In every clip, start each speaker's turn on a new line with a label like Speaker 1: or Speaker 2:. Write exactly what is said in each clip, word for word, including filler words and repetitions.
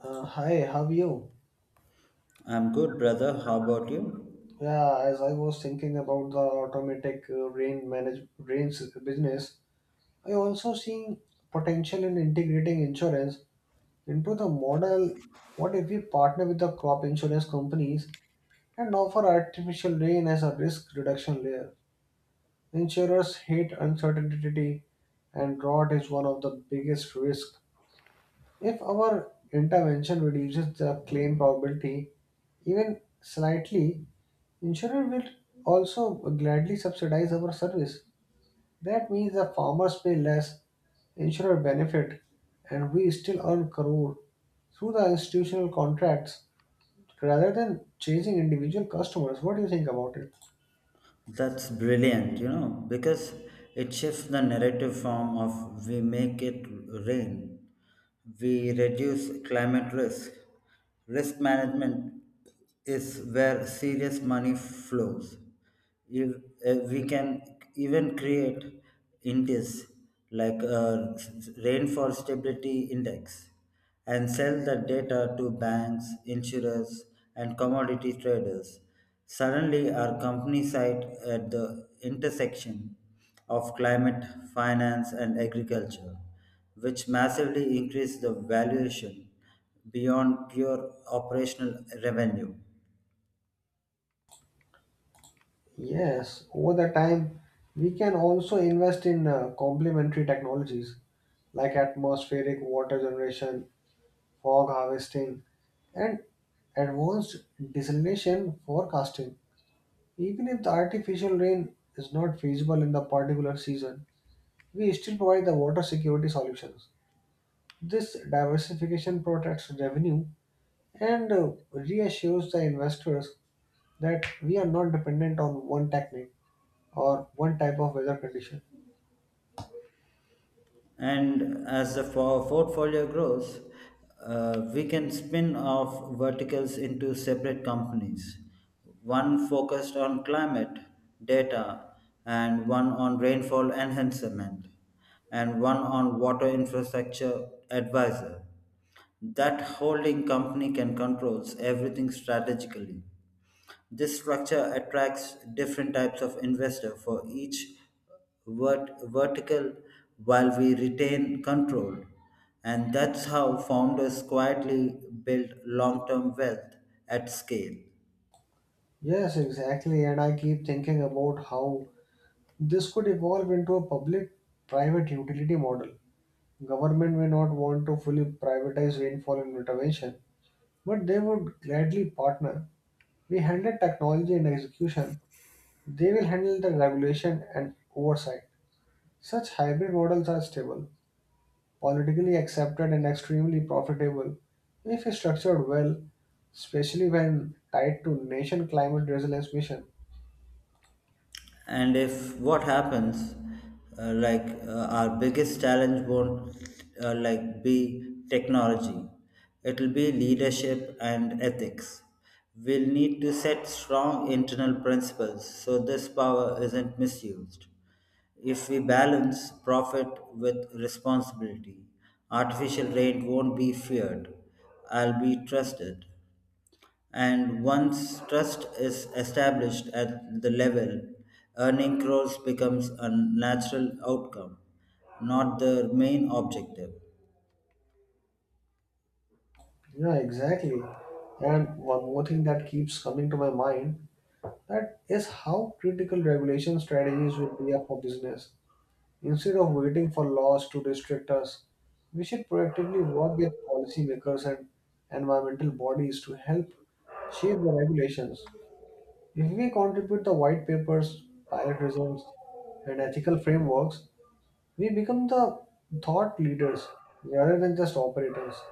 Speaker 1: Uh, hi, how are you?
Speaker 2: I'm good, brother. How about you?
Speaker 1: Yeah, as I was thinking about the automatic uh, rain manage rains business, I also seeing potential in integrating insurance into the model. What if we partner with the crop insurance companies and offer artificial rain as a risk reduction layer? Insurers hate uncertainty, and drought is one of the biggest risks. If our intervention reduces the claim probability even slightly, insurer will also gladly subsidize our service. That means the farmers pay less, insurer benefit, and we still earn crore through the institutional contracts rather than chasing individual customers. What do you think about it?
Speaker 2: That's brilliant, you know, because it shifts the narrative form of we make it rain. We reduce climate risk. Risk management is where serious money flows. If, uh, we can even create indices like a rainfall stability index and sell the data to banks, insurers, and commodity traders. Suddenly, our company site at the intersection of climate, finance, and agriculture, which massively increased the valuation beyond pure operational revenue.
Speaker 1: Yes, over the time, we can also invest in uh, complementary technologies like atmospheric water generation, fog harvesting, and advanced desalination forecasting. Even if the artificial rain is not feasible in the particular season, we still provide the water security solutions. This diversification protects revenue and uh, reassures the investors that we are not dependent on one technique or one type of weather condition.
Speaker 2: And as the for- portfolio grows, uh, we can spin off verticals into separate companies, one focused on climate, data, and one on rainfall enhancement, and one on water infrastructure advisor. That holding company can controls everything strategically. This structure attracts different types of investor for each vert- vertical while we retain control. And that's how founders quietly build long term wealth at scale.
Speaker 1: Yes, exactly. And I keep thinking about how this could evolve into a public private utility model. Government may not want to fully privatize rainfall intervention, but they would gladly partner. We handle technology and execution, they will handle the regulation and oversight. Such hybrid models are stable, politically accepted, and extremely profitable if structured well, especially when tied to nation climate resilience mission.
Speaker 2: And if what happens, uh, like uh, our biggest challenge won't, uh, like be technology, it'll be leadership and ethics. We'll need to set strong internal principles so this power isn't misused. If we balance profit with responsibility, artificial rain won't be feared, I'll be trusted. And once trust is established at the level, earning crores becomes a natural outcome, not the main objective.
Speaker 1: Yeah, exactly. And one more thing that keeps coming to my mind, that is how critical regulation strategies will be for business. Instead of waiting for laws to restrict us, we should proactively work with policymakers and environmental bodies to help shape the regulations. If we contribute the white papers, pilot results, and ethical frameworks, we become the thought leaders rather than just operators.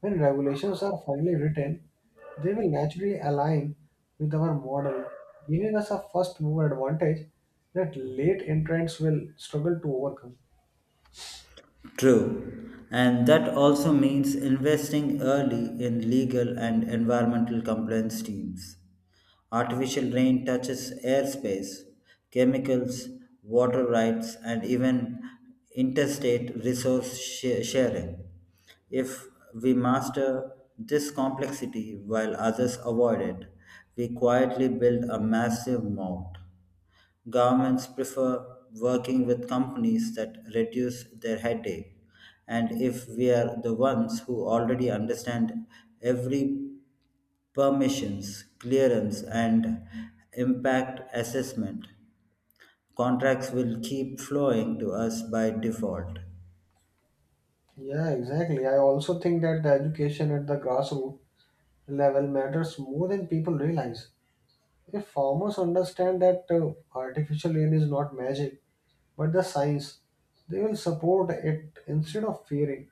Speaker 1: When regulations are finally written, they will naturally align with our model, giving us a first mover advantage that late entrants will struggle to overcome.
Speaker 2: True. And that also means investing early in legal and environmental compliance teams. Artificial rain touches airspace, chemicals, water rights, and even interstate resource sh- sharing. If we master this complexity while others avoid it, we quietly build a massive moat. Governments prefer working with companies that reduce their headache. And if we are the ones who already understand every permissions, clearance, and impact assessment, contracts will keep flowing to us by default.
Speaker 1: Yeah, exactly. I also think that the education at the grassroots level matters more than people realize. If farmers understand that uh, artificial rain is not magic but the science, they will support it instead of fearing.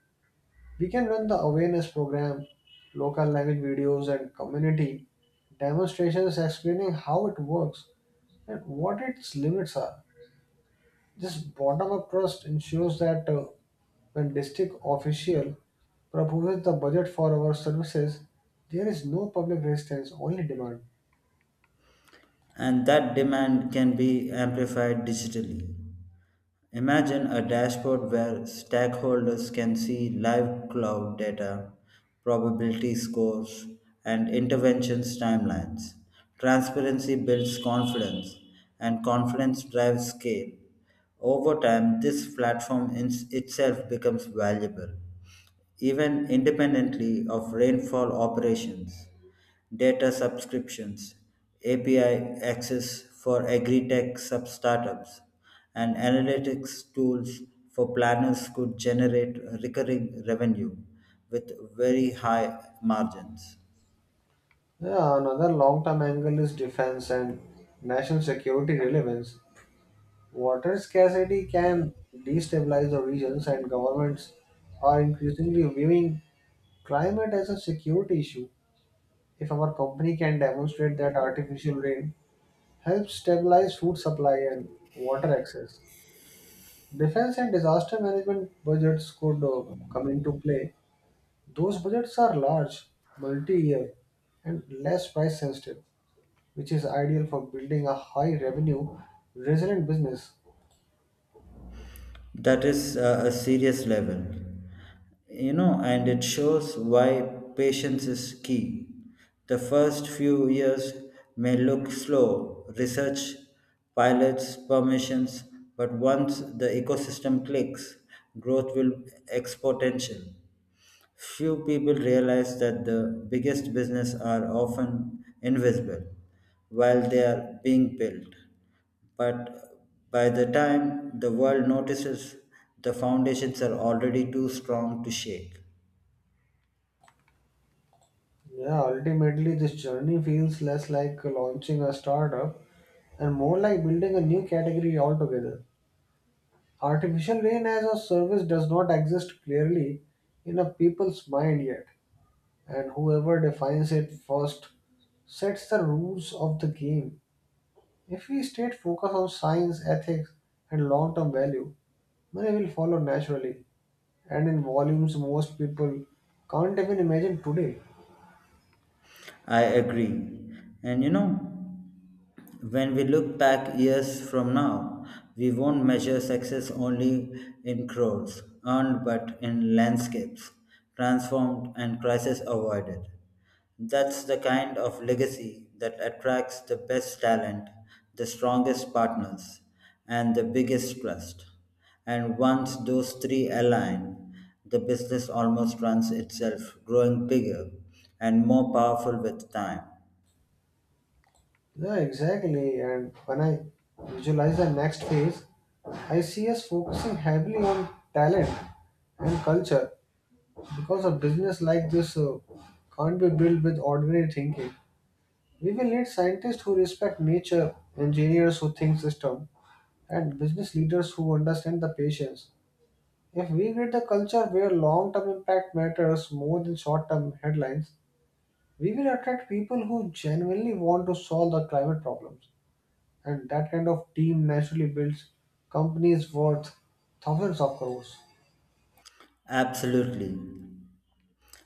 Speaker 1: We can run the awareness program, local language videos, and community demonstrations explaining how it works and what its limits are. This bottom up trust ensures that, uh, when district official proposes the budget for our services, there is no public resistance, only demand.
Speaker 2: And that demand can be amplified digitally. Imagine a dashboard where stakeholders can see live cloud data, probability scores, and interventions timelines. Transparency builds confidence, and confidence drives scale. Over time, this platform in itself becomes valuable, even independently of rainfall operations data subscriptions, A P I access for agri-tech sub startups, and analytics tools for planners could generate recurring revenue with very high margins.
Speaker 1: Yeah, another long-term angle is defense and national security relevance. Water scarcity can destabilize the regions, and governments are increasingly viewing climate as a security issue. If our company can demonstrate that artificial rain helps stabilize food supply and water access, defense and disaster management budgets could uh, come into play. Those budgets are large, multi year, and less price sensitive, which is ideal for building a high revenue, resilient business.
Speaker 2: That is, uh, a serious level. You know, and it shows why patience is key. The first few years may look slow, research, pilots, permissions, but once the ecosystem clicks, growth will exponential. Few people realize that the biggest business are often invisible while they are being built. But by the time the world notices, the foundations are already too strong to shake.
Speaker 1: Yeah, ultimately, this journey feels less like launching a startup and more like building a new category altogether. Artificial rain as a service does not exist clearly in a people's mind yet, and whoever defines it first sets the rules of the game. If we stay focused on science, ethics, and long term value, money will follow naturally and in volumes most people can't even imagine today.
Speaker 2: I agree. And you know, when we look back years from now, we won't measure success only in crores earned but in landscapes transformed and crises avoided. That's the kind of legacy that attracts the best talent, the strongest partners, and the biggest trust. And once those three align, the business almost runs itself, growing bigger and more powerful with time.
Speaker 1: Yeah, exactly. And when I visualize the next phase, I see us focusing heavily on talent and culture because a business like this uh, can't be built with ordinary thinking. We will need scientists who respect nature, engineers who think system, and business leaders who understand the patients. If we create a culture where long-term impact matters more than short-term headlines, we will attract people who genuinely want to solve the climate problems. And that kind of team naturally builds companies worth thousands of crores.
Speaker 2: Absolutely.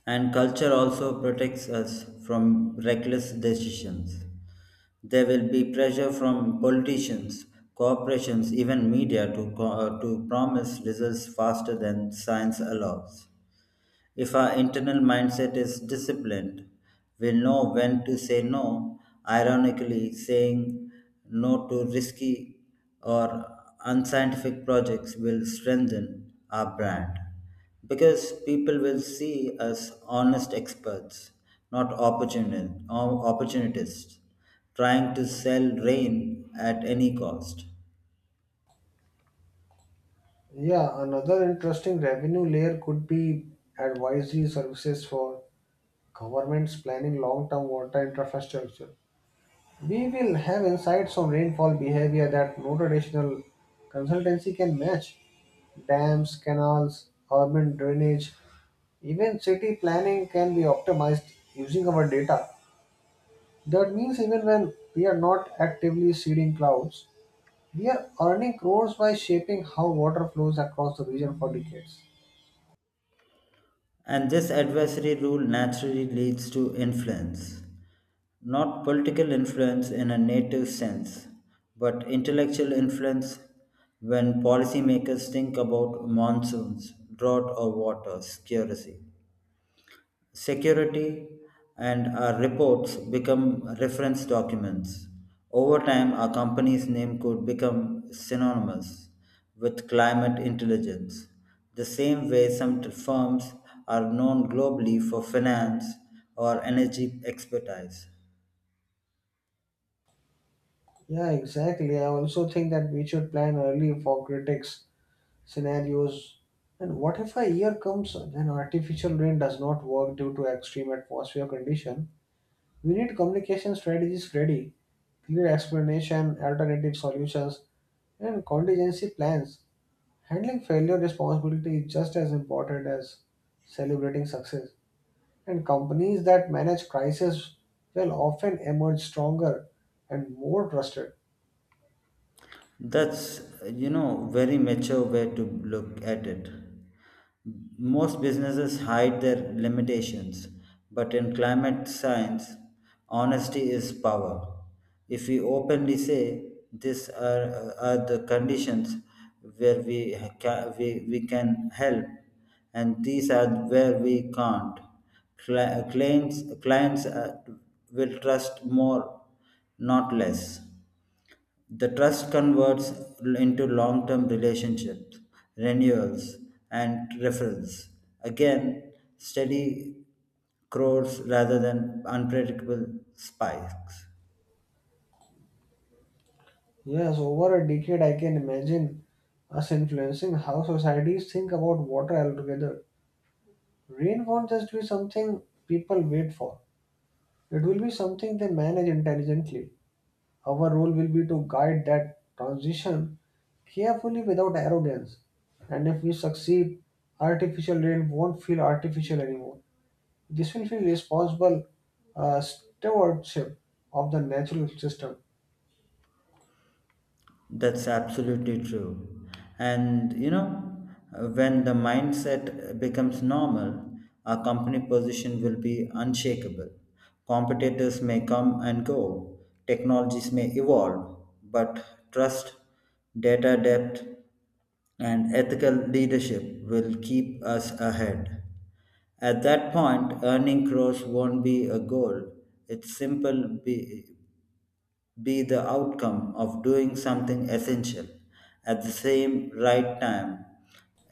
Speaker 2: And culture also protects us from reckless decisions. There will be pressure from politicians, corporations, even media to, co- uh, to promise results faster than science allows. If our internal mindset is disciplined, we'll know when to say no. Ironically, saying no to risky or unscientific projects will strengthen our brand because people will see us honest experts, not opportuni- or opportunists trying to sell rain at any cost.
Speaker 1: Yeah, another interesting revenue layer could be advisory services for governments planning long-term water infrastructure. We will have insights on rainfall behavior that no traditional consultancy can match. Dams, canals, urban drainage, even city planning can be optimized using our data. That means even when we are not actively seeding clouds, we are earning crores by shaping how water flows across the region for decades.
Speaker 2: And this adversary rule naturally leads to influence. Not political influence in a native sense, but intellectual influence when policymakers think about monsoons, drought or water security. Security and our reports become reference documents. Over time, our company's name could become synonymous with climate intelligence, the same way some t- firms are known globally for finance or energy expertise.
Speaker 1: Yeah, exactly. I also think that we should plan early for critics scenarios. And what if a year comes when artificial rain does not work due to extreme atmosphere condition? We need communication strategies ready, clear explanation, alternative solutions, and contingency plans. Handling failure responsibility is just as important as celebrating success. And companies that manage crisis will often emerge stronger and more trusted.
Speaker 2: That's, you know, very mature way to look at it. Most businesses hide their limitations, but in climate science, honesty is power. If we openly say these are, are the conditions where we, ca- we, we can help and these are where we can't, cli- clients, clients uh, will trust more, not less. The trust converts into long term relationships, renewals, and referrals. Again, steady crores rather than unpredictable spikes.
Speaker 1: Yes, over a decade, I can imagine us influencing how societies think about water altogether. Rain won't just be something people wait for. It will be something they manage intelligently. Our role will be to guide that transition carefully without arrogance. And if we succeed, artificial rain won't feel artificial anymore. This will feel responsible uh, stewardship of the natural system.
Speaker 2: That's absolutely true. And you know, uh, when the mindset becomes normal, our company position will be unshakable. Competitors may come and go, technologies may evolve, but trust, data depth, and ethical leadership will keep us ahead. At that point, earning crores won't be a goal. It's simple be be the outcome of doing something essential at the same right time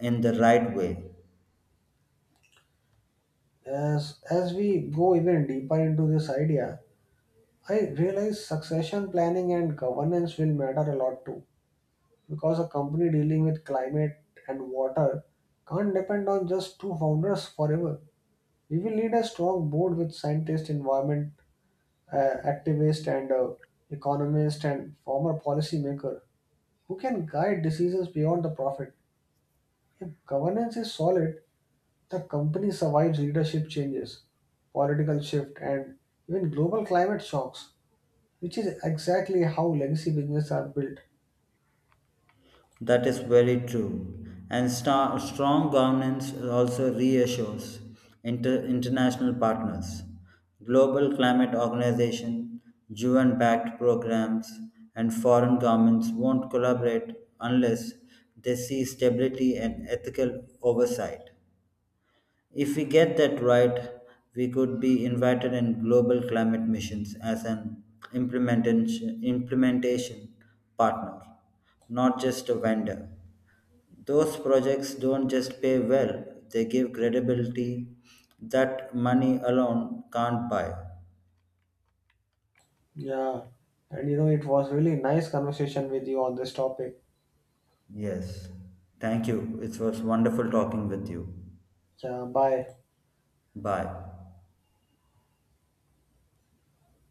Speaker 2: in the right way.
Speaker 1: As as we go even deeper into this idea, I realize succession planning and governance will matter a lot too, because a company dealing with climate and water can't depend on just two founders forever. We will need a strong board with scientists, environment uh, activists, and uh, economists and former policymaker who can guide decisions beyond the profit. If governance is solid, the company survives leadership changes, political shift, and even global climate shocks, which is exactly how legacy businesses are built.
Speaker 2: That is very true. And sta- strong governance also reassures inter- international partners, global climate organization, U N backed programs, and foreign governments won't collaborate unless they see stability and ethical oversight. If we get that right, we could be invited in global climate missions as an implementation, implementation partner, not just a vendor. Those projects don't just pay well, they give credibility that money alone can't buy.
Speaker 1: Yeah, and you know, it was really nice conversation with you on this topic.
Speaker 2: Yes. Thank you. It was wonderful talking with you.
Speaker 1: Yeah, bye.
Speaker 2: Bye.